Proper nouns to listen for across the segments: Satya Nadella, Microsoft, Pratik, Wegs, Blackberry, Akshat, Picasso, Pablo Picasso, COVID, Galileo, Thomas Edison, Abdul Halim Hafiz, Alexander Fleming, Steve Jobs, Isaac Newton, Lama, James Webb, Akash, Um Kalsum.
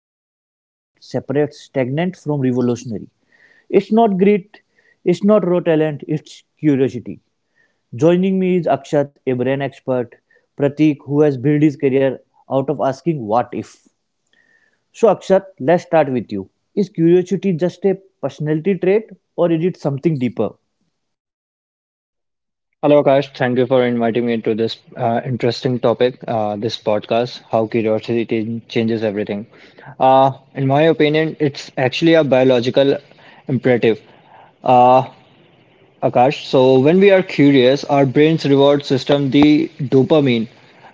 Traits that separates stagnant from revolutionary. It's not grit, it's not raw talent, it's curiosity. Joining me is Akshat, a brain expert, Pratik, who has built his career out of asking what if. So, Akshat, let's start with you. Is curiosity just a personality trait, or is it something deeper? Hello, Akash. Thank you for inviting me into this interesting topic, this podcast, how changes everything. In my opinion, it's actually a biological imperative, uh, Akash. So when we are curious, our brain's reward system, the dopamine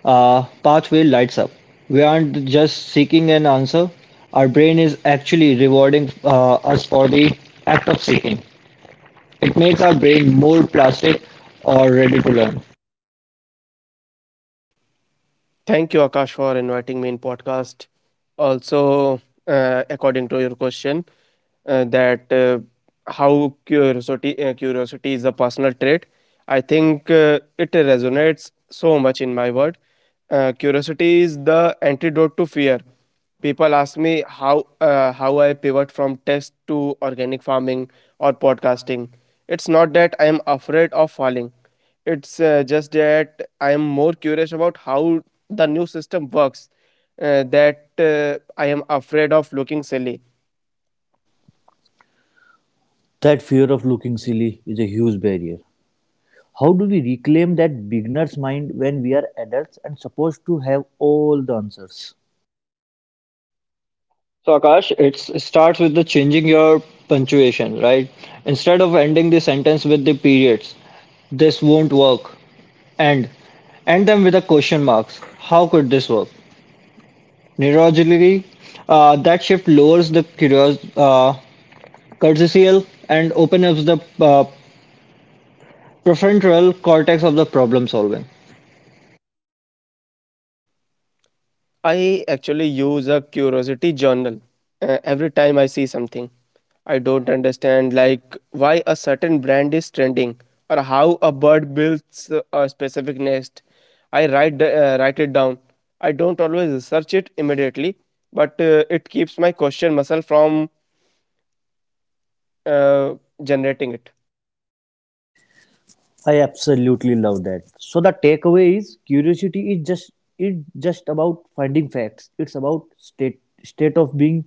pathway lights up. We aren't just seeking an answer. Our brain is actually rewarding us for the act of seeking. It makes our brain more plastic or ready to learn. Thank you, Akash, for inviting me in podcast. Also, according to your question, that how curiosity is a personal trait. I think it resonates so much in my world. Curiosity is the antidote to fear. People ask me how I pivot from test to organic farming or podcasting. It's not that I am afraid of falling, it's just that I am more curious about how the new system works, that I am afraid of looking silly. That fear of looking silly is a huge barrier. How do we reclaim that beginner's mind when we are adults and supposed to have all the answers? So Akash, it starts with the changing your punctuation, right? Instead of ending the sentence with the periods, this won't work. End, End them with a question marks. How could this work? Neurologically, that shift lowers the cortical and opens up the prefrontal cortex of the problem solving. I actually use a curiosity journal. Every time I see something I don't understand, like why a certain brand is trending or how a bird builds a specific nest, I write it down. I don't always research it immediately, but it keeps my question muscle from uh, generating it. I absolutely love that. So the takeaway is curiosity is just it just about finding facts. It's about state of being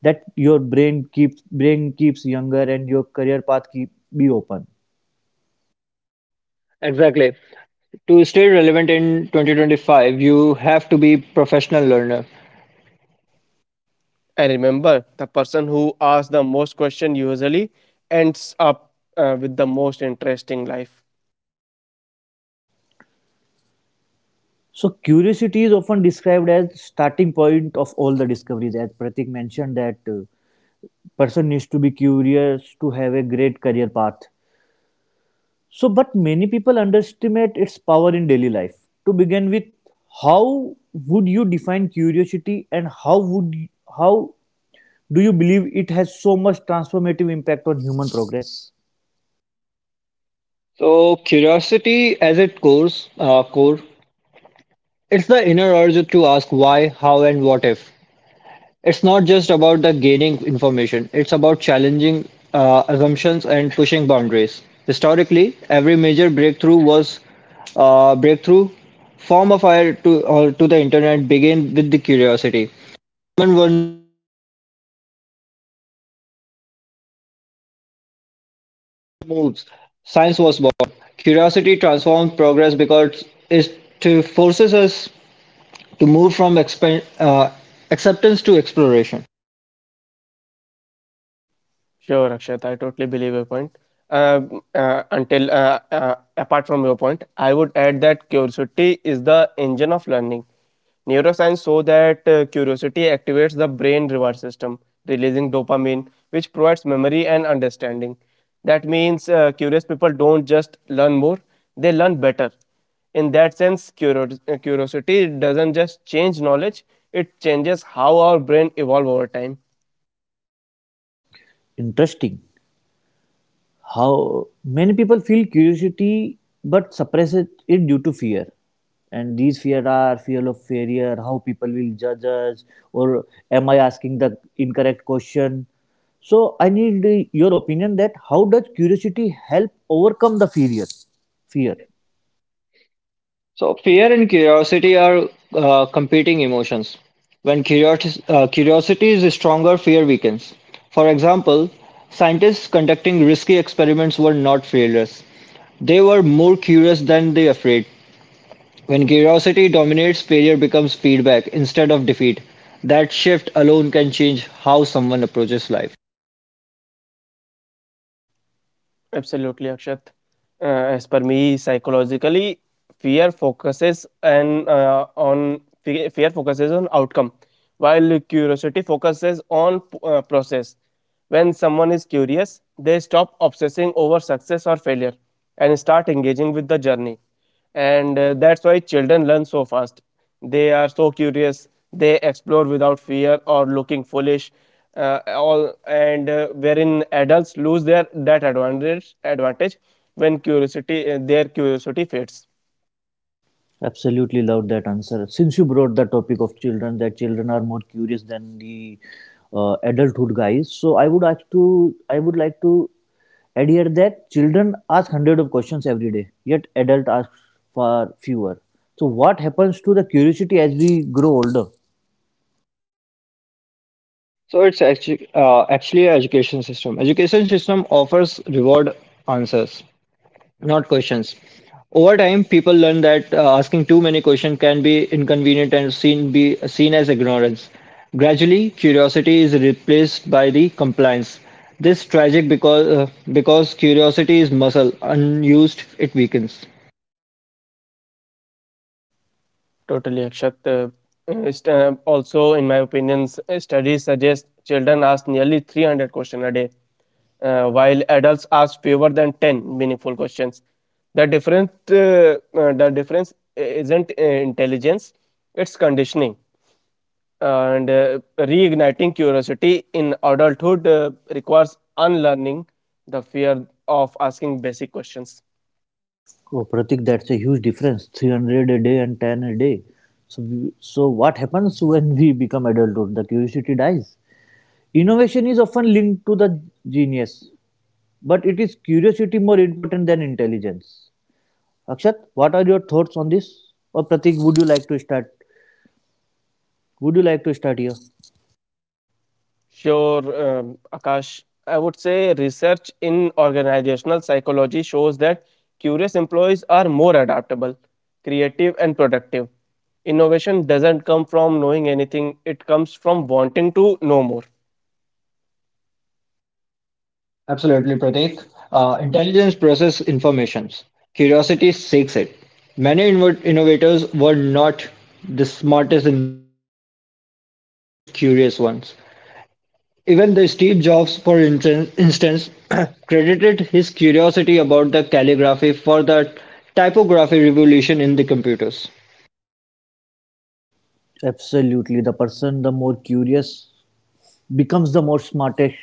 that your brain keeps younger and your career path keep be open. Exactly. To stay relevant in 2025, you have to be professional learner. I remember the person who asks the most question usually ends up with the most interesting life. So curiosity is often described as starting point of all the discoveries. As Pratik mentioned, that person needs to be curious to have a great career path. So, but many people underestimate its power in daily life. To begin with, how would you define curiosity and how do you believe it has so much transformative impact on human progress? So curiosity as its core, uh, core it's the inner urge to ask why, how, and what if. It's not just about the gaining information, it's about challenging assumptions and pushing boundaries. Historically, every major breakthrough was breakthrough form of fire to, or to the internet began with the curiosity. Human moves: science was born; curiosity transforms progress because it forces us to move from uh, acceptance to exploration. Sure, Akshat. I totally believe your point. Until Apart from your point, I would add that curiosity is the engine of learning. Neuroscience show that curiosity activates the brain reward system, releasing dopamine, which provides memory and understanding. That means curious people don't just learn more; they learn better. In that sense, curiosity doesn't just change knowledge; it changes how our brain evolve over time. Interesting. How many people feel curiosity but suppress it due to fear, and these fear are fear of failure. How people will judge us, or am I asking the incorrect question? So I need your opinion that how does curiosity help overcome the fear. So, fear and curiosity are competing emotions. When curiosity is stronger, fear weakens. For example, scientists conducting risky experiments were not fearless. They were more curious than they afraid. When curiosity dominates, failure becomes feedback instead of defeat. That shift alone can change how someone approaches life. Absolutely, Akshat. Uh, as per me, psychologically, fear focuses on outcome, while curiosity focuses on process. When someone is curious, they stop obsessing over success or failure and start engaging with the journey. And that's why children learn so fast. They are so curious, they explore without fear or looking foolish. All and Wherein adults lose their that advantage when curiosity their curiosity fades. Absolutely love that answer. Since you brought the topic of children, that children are more curious than the adulthood guys. So, I would like to add here that children ask hundred of questions every day, yet adult asks far fewer. So what happens to the curiosity as we grow older? So it's actually an education system. Education system offers reward answers, not questions. Over time, people learn that asking too many questions can be inconvenient and seen be seen as ignorance. Gradually, curiosity is replaced by the compliance. This tragic because curiosity is muscle unused, it weakens. Totally, also in my opinion studies suggest children ask nearly 300 questions a day, while adults ask fewer than 10 meaningful questions. The difference isn't intelligence, it's conditioning. And reigniting curiosity in adulthood requires unlearning the fear of asking basic questions. Oh, Pratik, that's a huge difference. 300 a day and 10 a day. So, so what happens when we become adulthood? The curiosity dies. Innovation is often linked to the genius. But it is curiosity more important than intelligence? Akshat, what are your thoughts on this? Or Pratik, would you like to start? Would you like to start here? Sure, Akash. I would say research in organizational psychology shows that curious employees are more adaptable, creative, and productive. Innovation doesn't come from knowing anything. Absolutely, Pratik. Intelligence processes informations. Curiosity seeks it. Many innovators were not the smartest in the room, but they were the most curious ones. Even the Steve Jobs, for instance, credited his curiosity about the calligraphy for the typography revolution in the computers. Absolutely. The person the more curious becomes the more smartest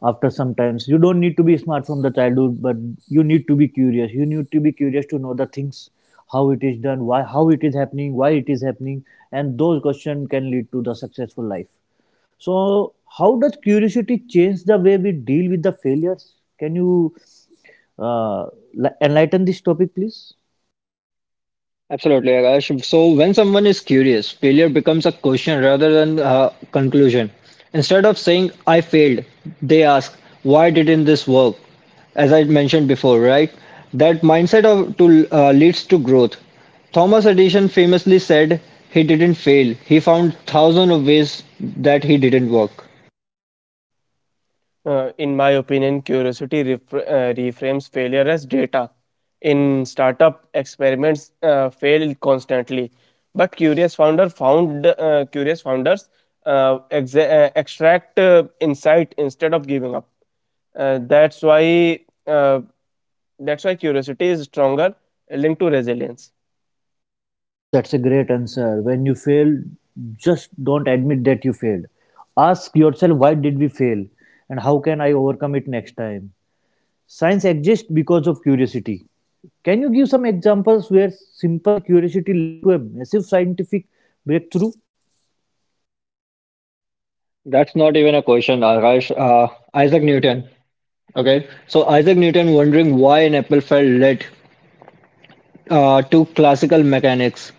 after sometimes. You don't need to be smart from the childhood, but you need to be curious. You need to be curious to know the things, how it is done, why how it is happening, why it is happening, and those questions can lead to the successful life. So, how does curiosity change the way we deal with the failures? Can you uh, enlighten this topic, please? Absolutely, Akash. So, when someone is curious, failure becomes a question rather than a conclusion. Instead of saying, "I failed," they ask, "Why didn't this work?" As I mentioned before, right? That mindset of, leads to growth. Thomas Edison famously said he didn't fail. He found thousands of ways that he didn't work. In my opinion, curiosity reframes failure as data. In startup experiments, fail constantly, but curious founders extract insight instead of giving up. Uh, that's why uh, that's why curiosity is stronger linked to resilience. That's a great answer. When you fail, just don't admit that you failed. Ask yourself, why did we fail? And how can I overcome it next time? Science exists because of curiosity. Can you give some examples where simple curiosity led to a massive scientific breakthrough? That's not even a question, Akash. Isaac Newton. Okay, so Isaac Newton wondering why an apple fell late to classical mechanics.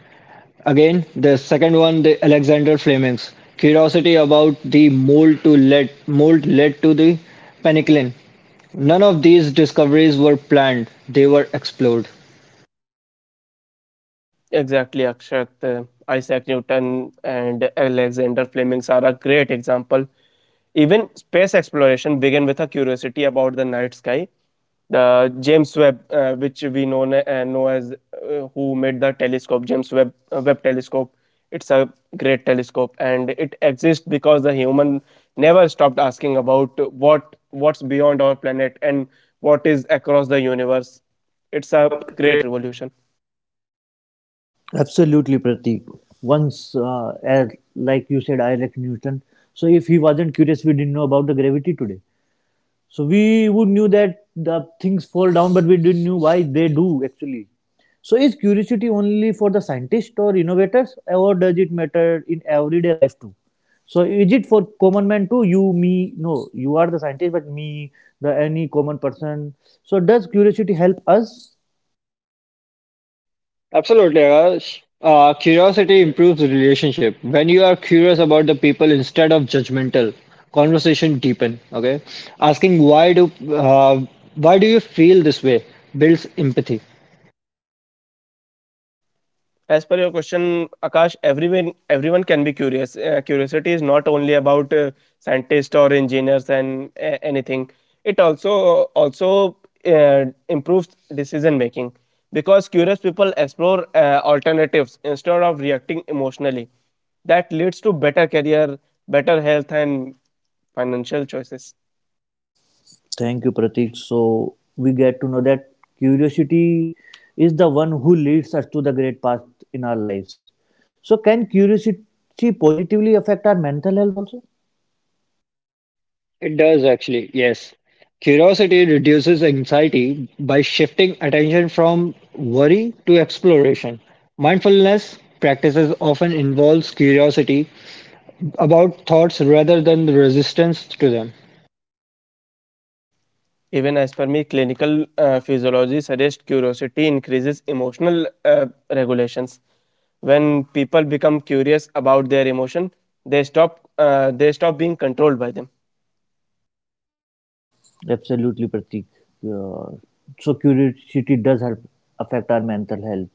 Again, the second one, the Alexander Fleming's curiosity about the mold led to the penicillin. None of these discoveries were planned; they were explored. Exactly, Akshat. Isaac Newton and Alexander Fleming are a great example. Even space exploration began with a curiosity about the night sky. The James Webb, which we know, na- know as who made the telescope, James Webb, Webb telescope, it's a great telescope and it exists because the human never stopped asking about what's beyond our planet and what is across the universe. It's a great revolution. Absolutely, Pratik. Once, as like you said, Isaac Newton. So if he wasn't curious, we didn't know about the gravity today. So we would knew that the things fall down, but we didn't know why they do actually. So is curiosity only for the scientists or innovators, or does it matter in everyday life too? So is it for common man too? You, me, no, you are the scientist, but me, the any common person. So does curiosity help us? Absolutely, Akash. Curiosity improves relationship. When you are curious about the people instead of judgmental, conversation deepen. Okay, asking uh, why do you feel this way builds empathy. As per your question, Akash, everyone can be curious. Curiosity is not only about scientists or engineers and anything. It also improves decision making because curious people explore alternatives instead of reacting emotionally. That leads to better career, better health, and financial choices. Thank you, Pratik. So we get to know that curiosity is the one who leads us to the great path in our lives. So can curiosity positively affect our mental health also? It does actually, yes. Curiosity reduces anxiety by shifting attention from worry to exploration. Mindfulness practices often involves curiosity about thoughts rather than the resistance to them. Even as per me, clinical physiology suggests curiosity increases emotional regulations. When people become curious about their emotion, they stop being controlled by them. Absolutely, Pratik. Uh, so curiosity does help affect our mental health.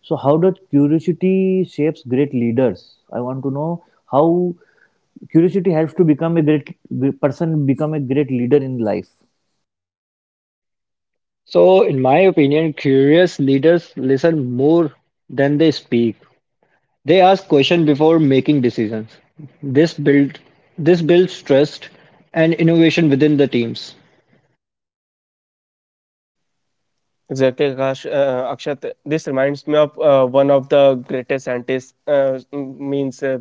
So how does curiosity shapes great leaders? I want to know how curiosity helps to become a great person, become a great leader in life. So, in my opinion, curious leaders listen more than they speak. They ask questions before making decisions. This build this builds trust and innovation within the teams. Exactly, Akash, Akshat, this reminds me of one of the greatest scientists, m- means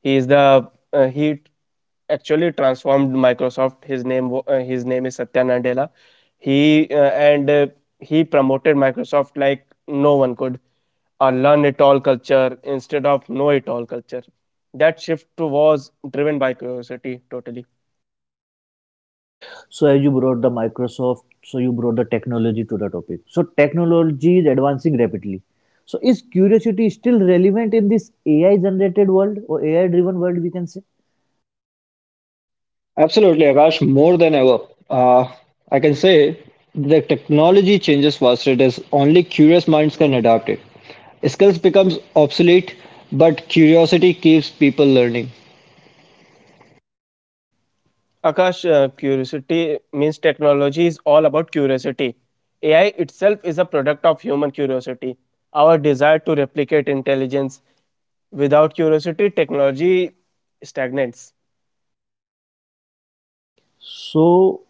he is the he actually transformed Microsoft. His name his name is Satya Nadella. he uh, and uh, he promoted Microsoft like no one could, a learn it all culture instead of know it all culture. That shift was driven by curiosity totally. So as you brought the Microsoft, so you brought the technology to the topic. So technology is advancing rapidly. So is curiosity still relevant in this AI generated world or AI driven world we can say? Absolutely, Akash, more than ever. Uh, I can say the technology changes faster. It is only curious minds can adapt it. Skills becomes obsolete, but curiosity keeps people learning. Akash, curiosity means technology is all about curiosity. AI itself is a product of human curiosity, our desire to replicate intelligence. Without curiosity, technology stagnates. So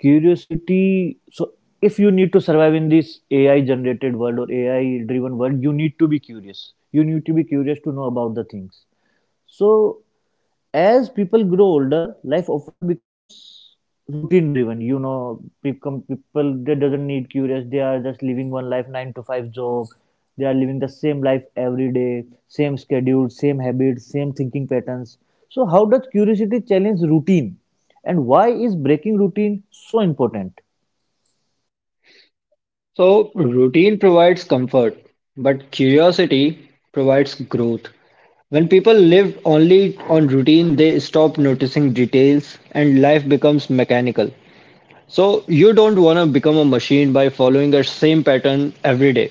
curiosity so if you need to survive in this AI generated world or AI driven world, you need to be curious. You need to be curious to know about the things. So as people grow older, life often becomes routine driven. Become people they doesn't need curious. They are just living one life, nine to five job. They are living the same life every day, same schedule, same habits, same thinking patterns. So, how does curiosity challenge routine, and why is breaking routine so important? So routine provides comfort, but curiosity provides growth. When people live only on routine, they stop noticing details and life becomes mechanical. So you don't want to become a machine by following a same pattern every day.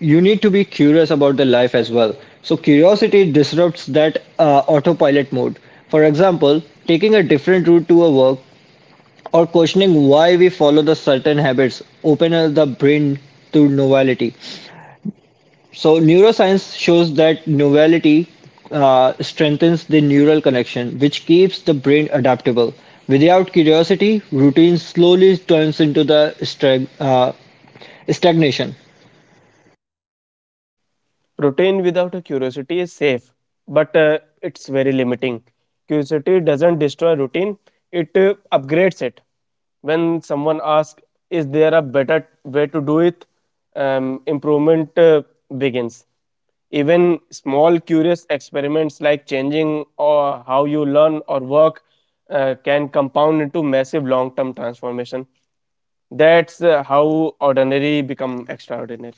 You need to be curious about the life as well. So curiosity disrupts that autopilot mode. For example, taking a different route to a work or questioning why we follow the certain habits open up the brain to novelty. So neuroscience shows that novelty strengthens the neural connection, which keeps the brain adaptable. Without curiosity, routine slowly turns into the stagnation. Routine without a curiosity is safe, but it's very limiting. Curiosity doesn't destroy routine, it upgrades it. When someone asks, is there a better way to do it? Improvement begins. Even small curious experiments like changing or how you learn or work can compound into massive long term transformation. That's how ordinary become extraordinary.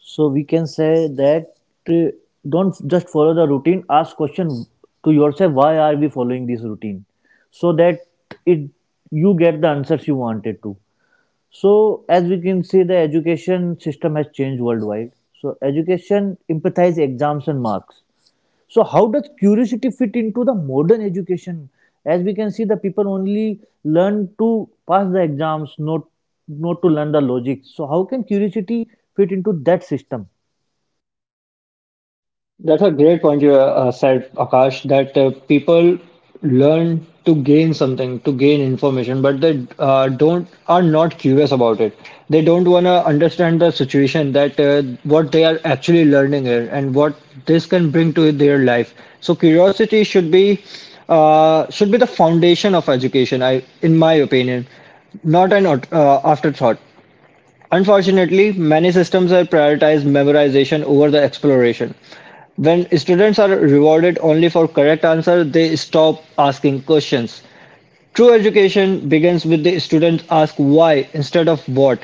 So we can say that uh, don't just follow the routine. Ask question to yourself: Why are we following this routine? So that it you get the answers you wanted to. So as we can see, the education system has changed worldwide. So education empathize exams and marks. So how does curiosity fit into the modern education? As we can see, the people only learn to pass the exams, not to learn the logic. So how can curiosity fit into that system? That's a great point you said, Akash, that people learn to gain something, to gain information, but they don't are not curious about it. They don't want to understand the situation that what they are actually learning here and what this can bring to their life. So curiosity should be the foundation of education. I, in my opinion, not an afterthought. Unfortunately, many systems have prioritized memorization over the exploration. When students are rewarded only for correct answer, they stop asking questions. True education begins with the students ask why instead of what.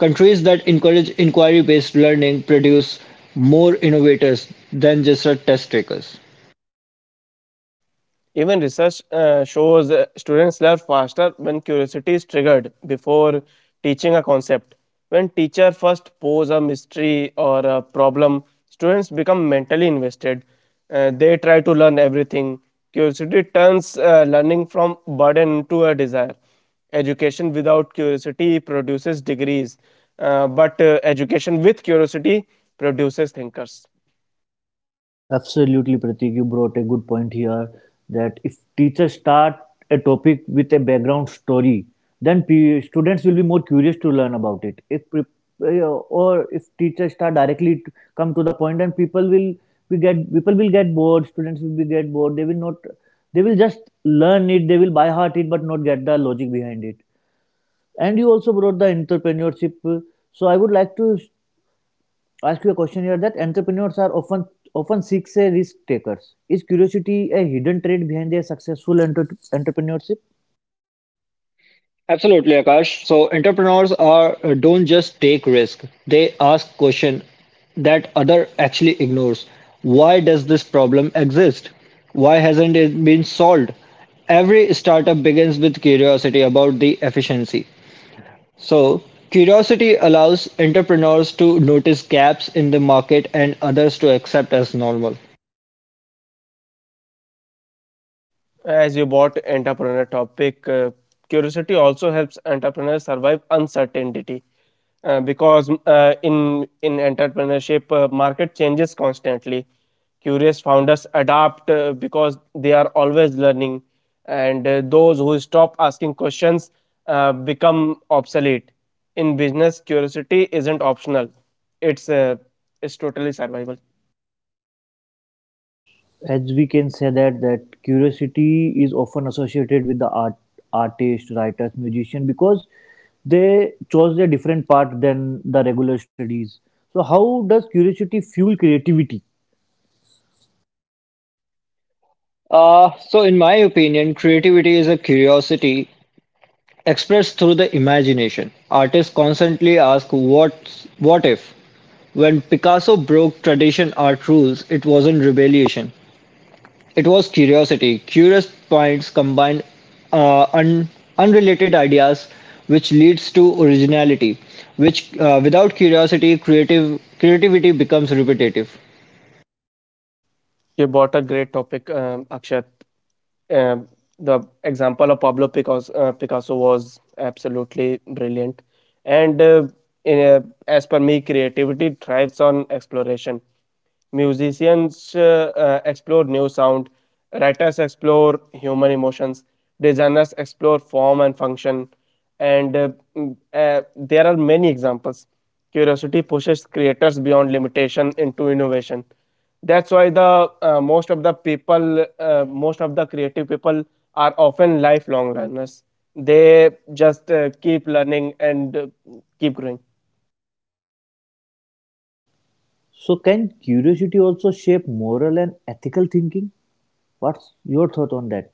Countries that encourage inquiry based learning produce more innovators than just test takers. Even research shows students learn faster when curiosity is triggered before teaching a concept. When teacher first pose a mystery or a problem, students become mentally invested. They try to learn everything. Curiosity turns learning from burden to a desire. Education without curiosity produces degrees, but education with curiosity produces thinkers. Absolutely, Pratik, you brought a good point here that if teachers start a topic with a background story, then students will be more curious to learn about it. If pre- or if teachers start directly to come to the point, and people will we get people will get bored. Students will be get bored. They will not. They will just learn it. They will by heart it, but not get the logic behind it. And you also brought the entrepreneurship. So I would like to ask you a question here that entrepreneurs are often seeks a risk takers. Is curiosity a hidden trait behind their successful entrepreneurship? Absolutely, Akash. So entrepreneurs are don't just take risk; they ask question that other actually ignores. Why does this problem exist? Why hasn't it been solved? Every startup begins with curiosity about the efficiency. So curiosity allows entrepreneurs to notice gaps in the market and others to accept as normal. As you brought entrepreneur topic, curiosity also helps entrepreneurs survive uncertainty because in entrepreneurship market changes constantly. Curious founders adapt because they are always learning, and those who stop asking questions become obsolete. In business, curiosity isn't optional; it's uh, it's totally survival. As we can say that curiosity is often associated with the artist, writers, musician because they chose a different path than the regular studies. So how does curiosity fuel creativity? So in my opinion, creativity is a curiosity expressed through the imagination. Artists constantly ask what if. When Picasso broke tradition art rules, it wasn't rebellion, it was curiosity. Curious minds combine uh, un- unrelated ideas, which leads to originality. Which, without curiosity, creative creativity becomes repetitive. You brought a great topic, Akshat. um, the example of Pablo Picasso, Picasso was absolutely brilliant. And as per me, creativity thrives on exploration. Musicians explore new sound, writers explore human emotions, designers explore form and function, and there are many examples. Curiosity pushes creators beyond limitation into innovation. That's why the most of the people, most of the creative people are often lifelong learners. They just keep learning and keep growing. So can curiosity also shape moral and ethical thinking? What's your thought on that?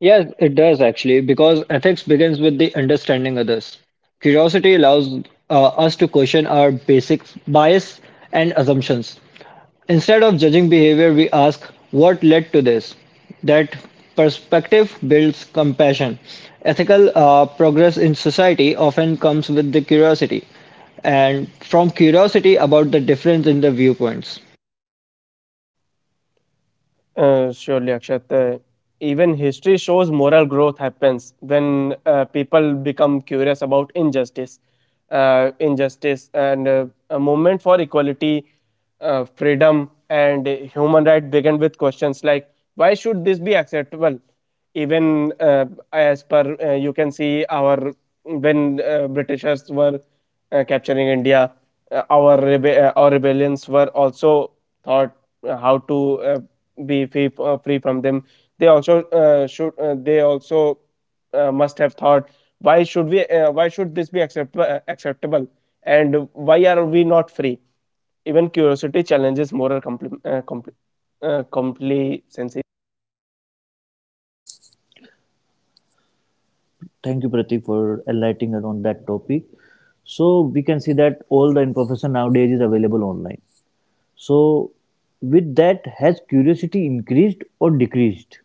Yes, it does actually, because ethics begins with the understanding others. Curiosity allows us to question our basic bias and assumptions. Instead of judging behavior, we ask what led to this. That perspective builds compassion. Ethical progress in society often comes with the curiosity and from curiosity about the difference in the viewpoints. Surely, Akshat. Even history shows moral growth happens when people become curious about injustice. Injustice and a movement for equality, freedom, and human rights begin with questions like, why should this be acceptable? Even as per you can see, our when Britishers were capturing India, our rebellions were also thought how to be free, free from them. They also should they also must have thought, why should this acceptable, and why are we not free? Even curiosity challenges moral complacency. Thank you, Pratik, for enlightening us on that topic. So we can see that all the information nowadays is available online. So with that, has curiosity increased or decreased?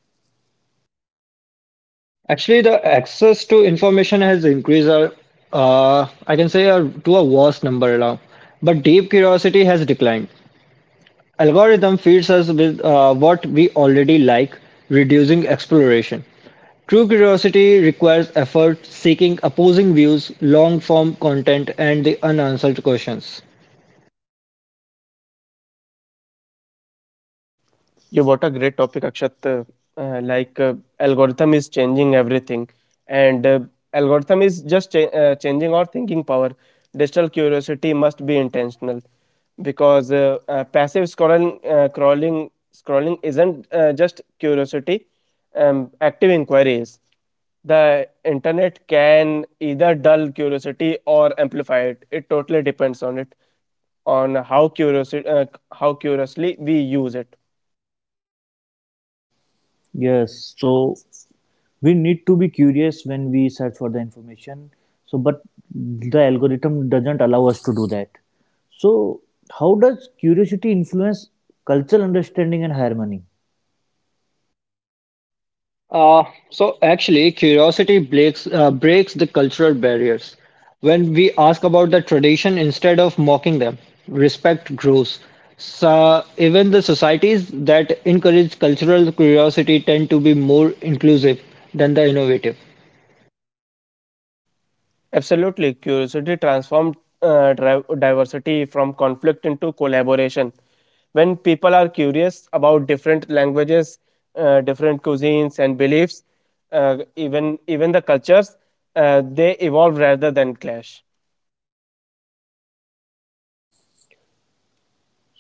Actually, the access to information has increased, I can say, to a vast number now. But deep curiosity has declined. Algorithm feeds us with what we already like, reducing exploration. True curiosity requires effort, seeking opposing views, long form content, and the unanswered questions. Yeah, what a great topic, Akshat. Uh, like uh, Algorithm is changing everything, and algorithm is just changing our thinking power. Digital curiosity must be intentional because passive scrolling isn't just curiosity. Active inquiry is. The internet can either dull curiosity or amplify it. It totally depends on it, on how curiously we use it. Yes. So we need to be curious when we search for the information. So but the algorithm doesn't allow us to do that. So how does curiosity influence cultural understanding and harmony? Uh, so actually, curiosity breaks the cultural barriers. When we ask about the tradition instead of mocking them, respect grows. So even the societies that encourage cultural curiosity tend to be more inclusive than the innovative. Absolutely. Curiosity transforms diversity from conflict into collaboration. When people are curious about different languages, different cuisines and beliefs, even the cultures, they evolve rather than clash.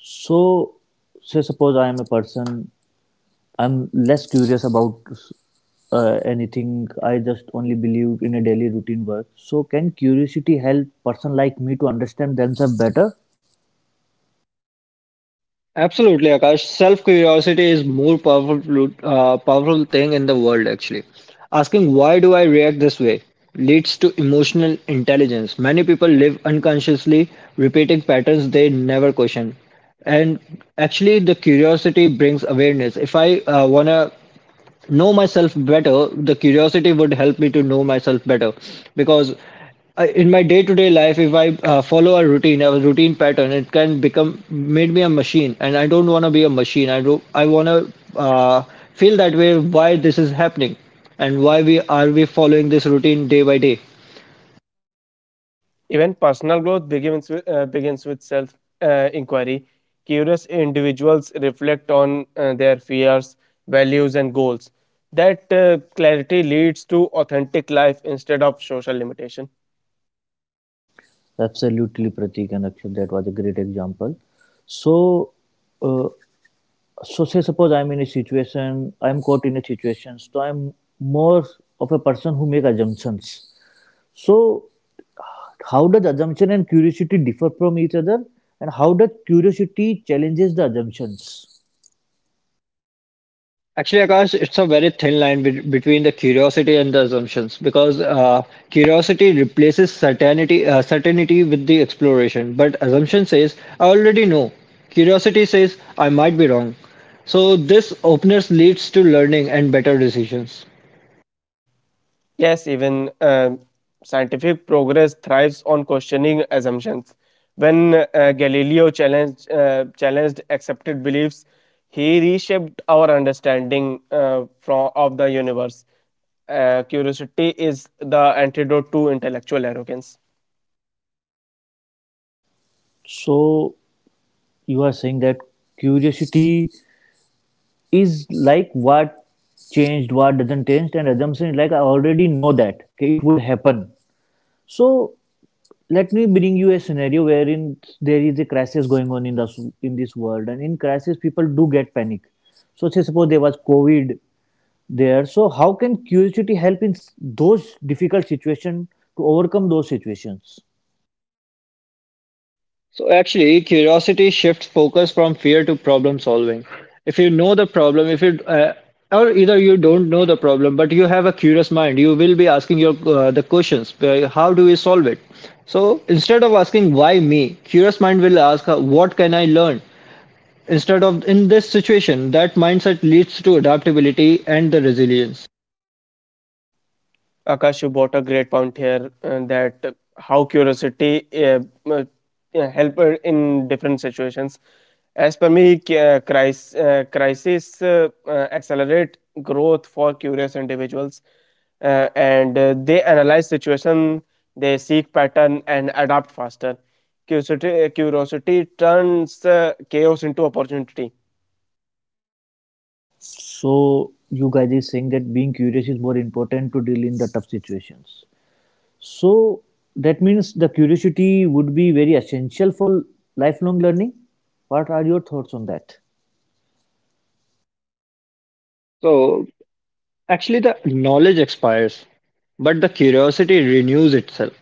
So say suppose I am a person I'm less curious about anything. I just only believe in a daily routine work. So, can curiosity help person like me to understand themselves better? Absolutely, Akash. Self curiosity is more powerful thing in the world actually. Asking why do I react this way leads to emotional intelligence. Many people live unconsciously repeating patterns they never question. And actually the curiosity brings awareness. If I want to know myself better, the curiosity would help me to know myself better, because I, in my day-to-day life, if I follow a routine pattern, it can become made me a machine and I don't want to be a machine. I do I want to feel that way, why this is happening and why we are we following this routine day by day. Even personal growth begins with self inquiry. Curious individuals reflect on their fears, values, and goals. That clarity leads to authentic life instead of social limitation. Absolutely, Pratik and Akshay, that was a great example. So, uh, so, say suppose I'm in a situation, I'm caught in a situation. So, I'm more of a person who make assumptions. So, how does assumption and curiosity differ from each other, and how does curiosity challenges the assumptions? Actually, Akash, it's a very thin line be between the curiosity and the assumptions, because curiosity replaces certainty with the exploration, but assumption says, I already know. Curiosity says, I might be wrong. So, this openness leads to learning and better decisions. Yes, even um, scientific progress thrives on questioning assumptions. When Galileo challenged accepted beliefs, he reshaped our understanding of the universe. Curiosity is the antidote to intellectual arrogance. So you are saying that curiosity is like what changed, what doesn't change, and assumption is like I already know that okay, it would happen. So let me bring you a scenario wherein there is a crisis going on in this world, and in crisis people do get panic. So say suppose there was COVID there. So how can curiosity help in those difficult situations to overcome those situations? So actually, curiosity shifts focus from fear to problem solving. If you know the problem, if you or either you don't know the problem, but you have a curious mind, you will be asking your the questions. How do we solve it? So instead of asking why me, curious mind will ask what can I learn. Instead of in this situation, that mindset leads to adaptability and the resilience. Akash, you brought a great point here that how curiosity uh, help in different situations. As per me, crisis accelerate growth for curious individuals, and they analyze situation, they seek pattern and adapt faster. Curiosity turns chaos into opportunity. So you guys is saying that being curious is more important to deal in the tough situations. So that means the curiosity would be very essential for lifelong learning. What are your thoughts on that? So actually, the knowledge expires, but the curiosity renews itself.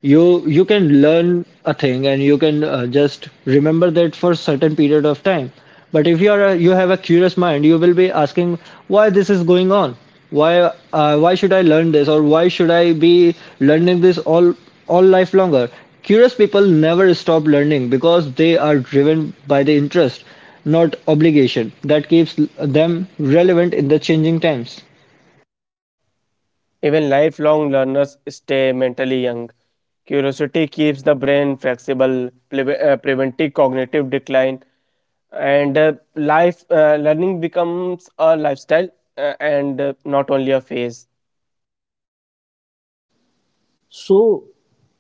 You can learn a thing and you can just remember that for a certain period of time. But if you are a, you have a curious mind, you will be asking why this is going on, why why should I learn this, or why should I be learning this all life longer. Curious people never stop learning because they are driven by the interest, not obligation, that keeps them relevant in the changing times. Even lifelong learners stay mentally young. Curiosity keeps the brain flexible, preventing cognitive decline, and life learning becomes a lifestyle and not only a phase. So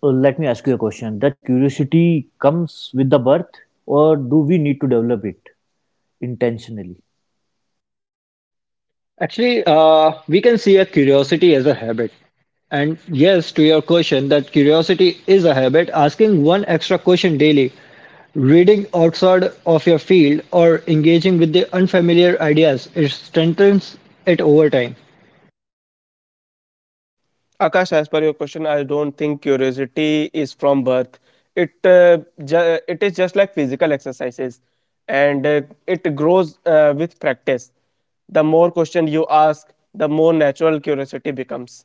let me ask you a question: That curiosity comes with the birth, or do we need to develop it intentionally? Actually, we can see a curiosity as a habit. And yes, to your question, that curiosity is a habit. Asking one extra question daily, reading outside of your field, or engaging with the unfamiliar ideas, it strengthens it over time. Akash, as per your question, I don't think curiosity is from birth. it uh, it is just like physical exercises, and it grows with practice. The more question you ask, the more natural curiosity becomes.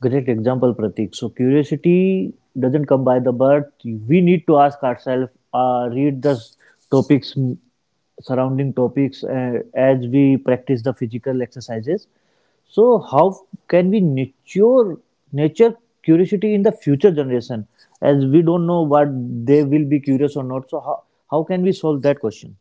Great example, Pratik. So curiosity doesn't come by the birth. We need to ask ourselves, read the topics, surrounding topics as we practice the physical exercises. So how can we nurture nature curiosity in the future generation? As we don't know what they will be curious or not. So how can we solve that question?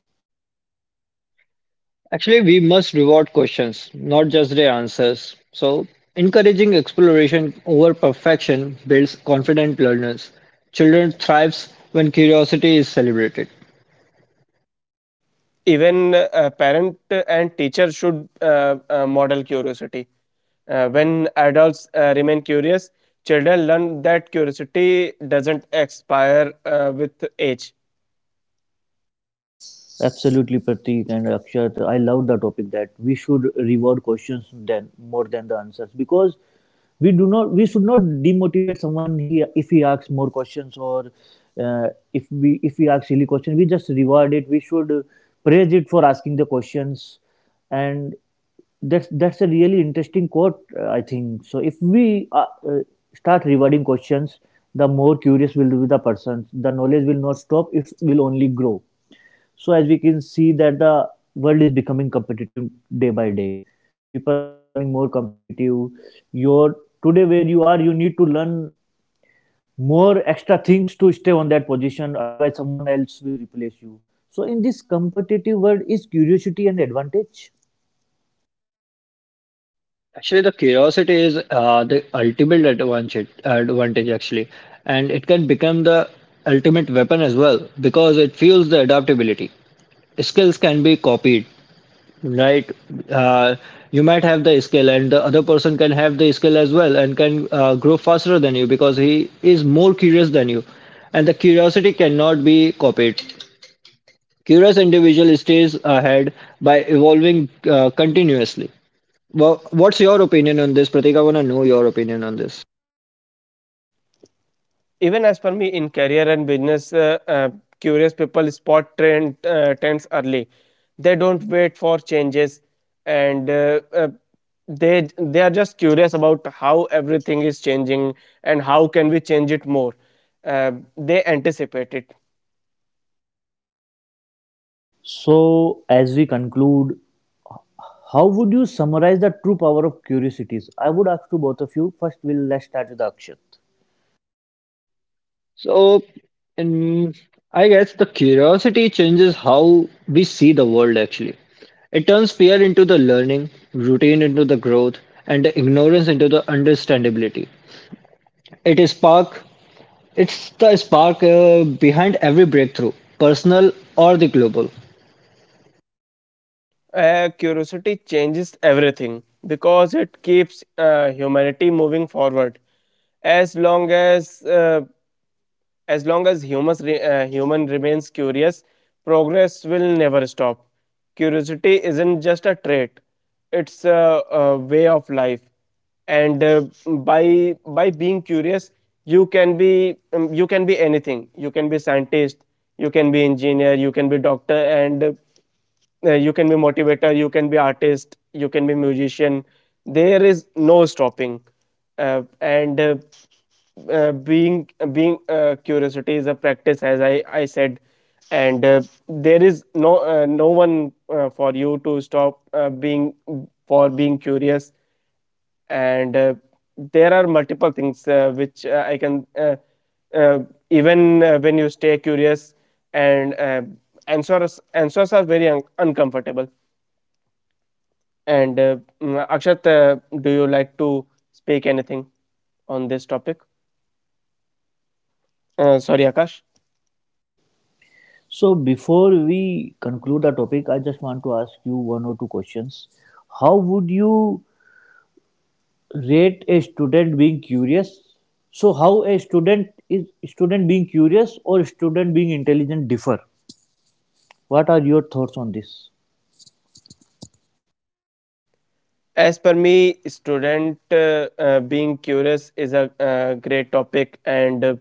Actually, we must reward questions, not just their answers. So, encouraging exploration over perfection builds confident learners. Children thrives when curiosity is celebrated. Even a parent and teacher should model curiosity. When adults remain curious, children learn that curiosity doesn't expire with age. Absolutely, Pratik and Akshat. I love the topic that we should reward questions then more than the answers, because we should not demotivate someone he if he asks more questions. Or uh, if we ask silly questions, we just reward it. We should praise it for asking the questions. And that's a really interesting quote. I think so if we start rewarding questions, the more curious will be the person, the knowledge will not stop, it will only grow. So as we can see that the world is becoming competitive day by day. People are becoming more competitive. Your today where you are, you need to learn more extra things to stay on that position. Otherwise, someone else will replace you. So in this competitive world, is curiosity an advantage? Actually, the curiosity is the ultimate advantage actually, and it can become the ultimate weapon as well because it fuels the adaptability. Skills can be copied, right? Uh, you might have the skill, and the other person can have the skill as well and can grow faster than you because he is more curious than you, and the curiosity cannot be copied. Curious individual stays ahead by evolving continuously. Well, what's your opinion on this, Pratik? I want to know your opinion on this. Even as per me, in career and business, curious people spot trends early. They don't wait for changes, and they are just curious about how everything is changing and how can we change it more. Uh, they anticipate it. So, as we conclude, how would you summarize the true power of curiosities? I would ask to both of you. First, we'll let's start with Akshat. So, in, I guess the curiosity changes how we see the world actually. It turns fear into the learning, routine into the growth, and the ignorance into the understandability. It is spark. It's the spark behind every breakthrough, personal or the global. Curiosity changes everything because it keeps humanity moving forward. As long as uh, as long as human remains curious, progress will never stop. Curiosity isn't just a trait; it's a way of life. And by being curious, you can be anything. You can be scientist, you can be engineer, you can be doctor, and you can be motivator, you can be artist, you can be musician. There is no stopping. And being being Curiosity is a practice, as I said, and there is no no one for you to stop being, for being curious. And there are multiple things which I can uh, even when you stay curious, and answers are very uncomfortable. And Akshat, do you like to speak anything on this topic? Sorry, Akash. So, before we conclude the topic, I just want to ask you one or two questions. How would you rate a student being curious? So, how a student is student being curious or student being intelligent differ? What are your thoughts on this? As per me, student being curious is a great topic, and uh,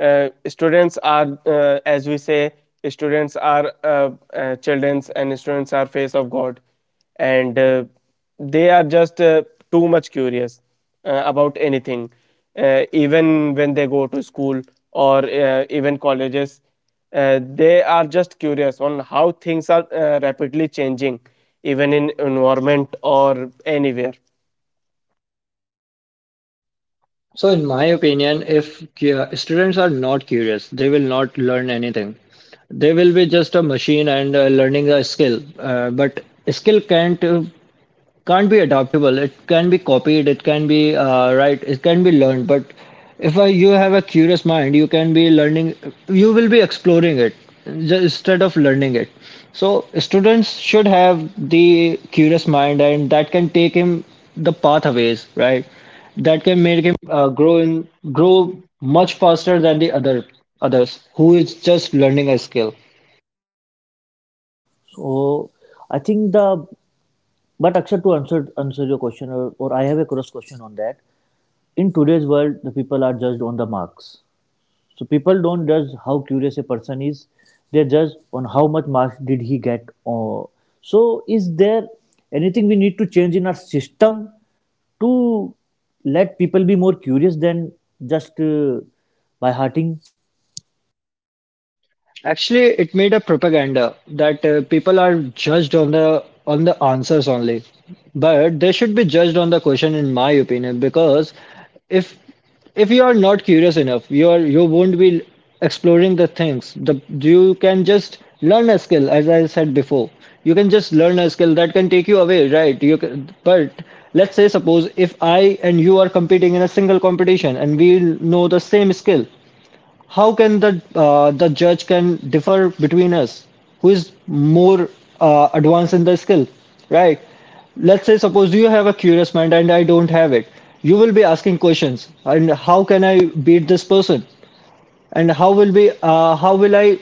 uh, students are, as we say, students are children's, and students are face of god. And they are just too much curious about anything, even when they go to school or even colleges. They are just curious on how things are rapidly changing, even in environment or anywhere. So, in my opinion, if students are not curious, they will not learn anything. They will be just a machine and learning a skill. But skill can't be adaptable, it can be copied, it can be right, it can be learned, but if you have a curious mind you can be learning, you will be exploring it, instead of learning it. So students should have the curious mind, and that can take him the pathways, right? That can make him grow much faster than the other others who is just learning a skill. So, I think the but Akshat to answer your question, or I have a cross question on that. In today's world the people are judged on the marks, so people don't judge how curious a person is. They judge on how much marks did he get, or so is there anything we need to change in our system to let people be more curious than just by hearting. Actually, it made a propaganda that people are judged on the answers only, but they should be judged on the question, in my opinion, because if if you are not curious enough, you are you won't be exploring the things. The you can just learn a skill, as I said before. You can just learn a skill that can take you away, right? You can, but let's say suppose if I and you are competing in a single competition and we know the same skill, how can the judge can differ between us? Who is more advanced in the skill, right? Let's say suppose you have a curious mind and I don't have it. You will be asking questions, and how can I beat this person? And how will be how will I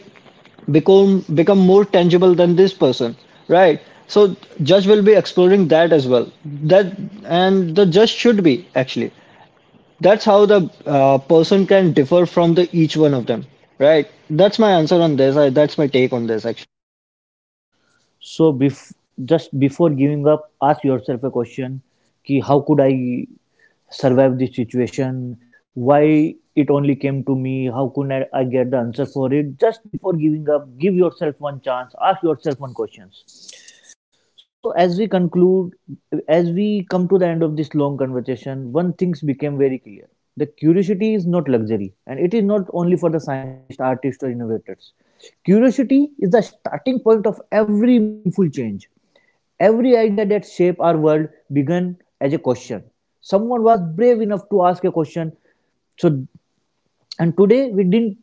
become more tangible than this person, right? So judge will be exploring that as well. That and the judge should be actually, that's how the person can differ from the each one of them, right? That's my answer on this. I, that's my take on this, actually. So just before giving up, ask yourself a question: "Ki how could I survive this situation? Why it only came to me? How could I get the answer for it?" Just before giving up, give yourself one chance. Ask yourself one question. So, as we conclude, as we come to the end of this long conversation, one thing became very clear. The curiosity is not luxury, and it is not only for the scientists, artists, or innovators. Curiosity is the starting point of every meaningful change. Every idea that shaped our world began as a question. Someone was brave enough to ask a question. So, and today we didn't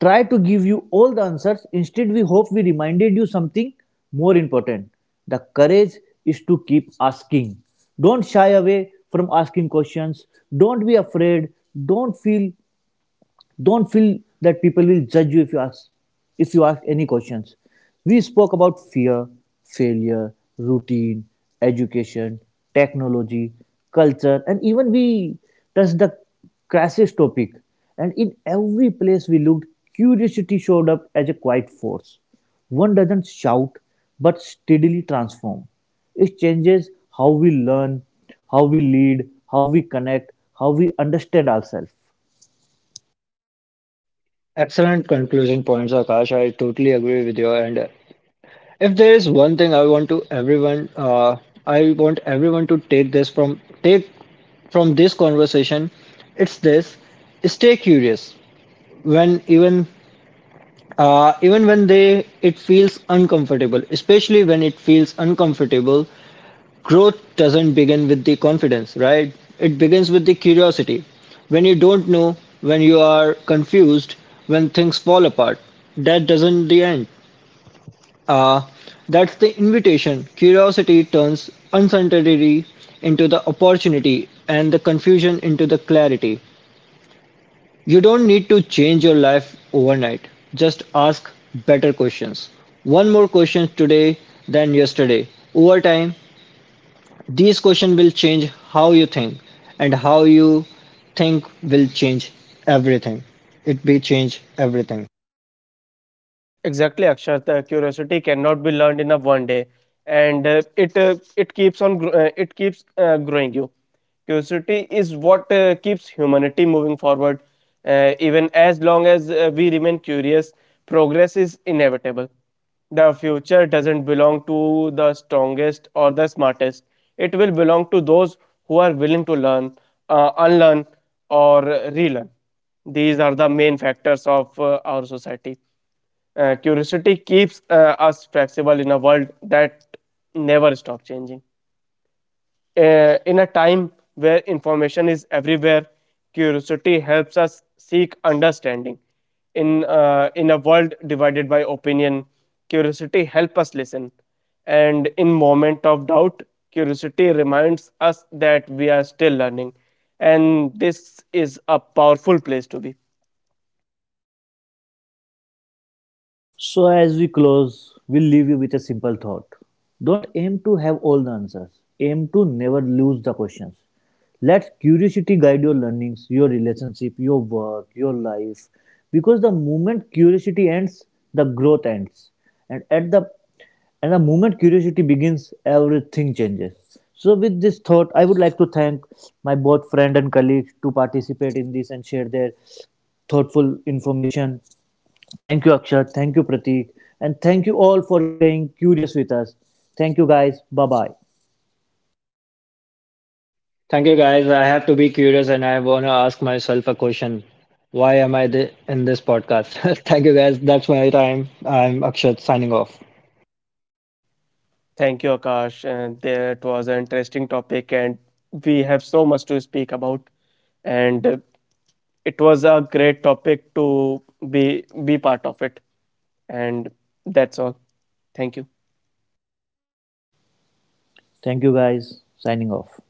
try to give you all the answers. Instead, we hope we reminded you something more important. The courage is to keep asking. Don't shy away from asking questions. Don't be afraid. Don't feel don't feel that people will judge you if you ask any questions. We spoke about fear, failure, routine, education, technology, culture, and even we touched the crisis topic. And in every place we looked, curiosity showed up as a quiet force. One doesn't shout, but steadily transform. It changes how we learn, how we lead, how we connect, how we understand ourselves. Excellent conclusion points, Akash. I totally agree with you. And if there is one thing I want to everyone, I want everyone to take this from take from this conversation, it's this: stay curious when even even when they it feels uncomfortable, especially when it feels uncomfortable. Growth doesn't begin with the confidence, right? It begins with the curiosity. When you don't know, when you are confused, when things fall apart, that doesn't the end. Uh, that's the invitation. Curiosity turns uncertainty into the opportunity and the confusion into the clarity. You don't need to change your life overnight. Just ask better questions. One more question today than yesterday. Over time, these questions will change how you think, and how you think will change everything. It will change everything. Exactly, Akshat. Curiosity cannot be learned in a 1 day, and it keeps on it keeps growing you. Curiosity is what keeps humanity moving forward. Even as long as we remain curious, progress is inevitable. The future doesn't belong to the strongest or the smartest. It will belong to those who are willing to learn, unlearn, or relearn. These are the main factors of our society. Curiosity keeps us flexible in a world that never stops changing. In a time where information is everywhere, curiosity helps us seek understanding. In a world divided by opinion, curiosity helps us listen. And in moment of doubt, curiosity reminds us that we are still learning, and this is a powerful place to be. So, as we close, we'll leave you with a simple thought. Don't aim to have all the answers, aim to never lose the questions. Let curiosity guide your learnings, your relationship, your work, your life. Because the moment curiosity ends, the growth ends. And at the and the moment curiosity begins, everything changes. So, with this thought, I would like to thank my both friend and colleagues to participate in this and share their thoughtful information. Thank you, Akshat. Thank you, Pratik. And thank you all for staying curious with us. Thank you, guys. Bye bye. Thank you, guys. I have to be curious and I want to ask myself a question. Why am I in this podcast? Thank you, guys. That's my time. I'm Akshat signing off. Thank you, Akash. And there was an interesting topic, and we have so much to speak about. And it was a great topic to be part of it. And that's all. Thank you. Thank you, guys. Signing off.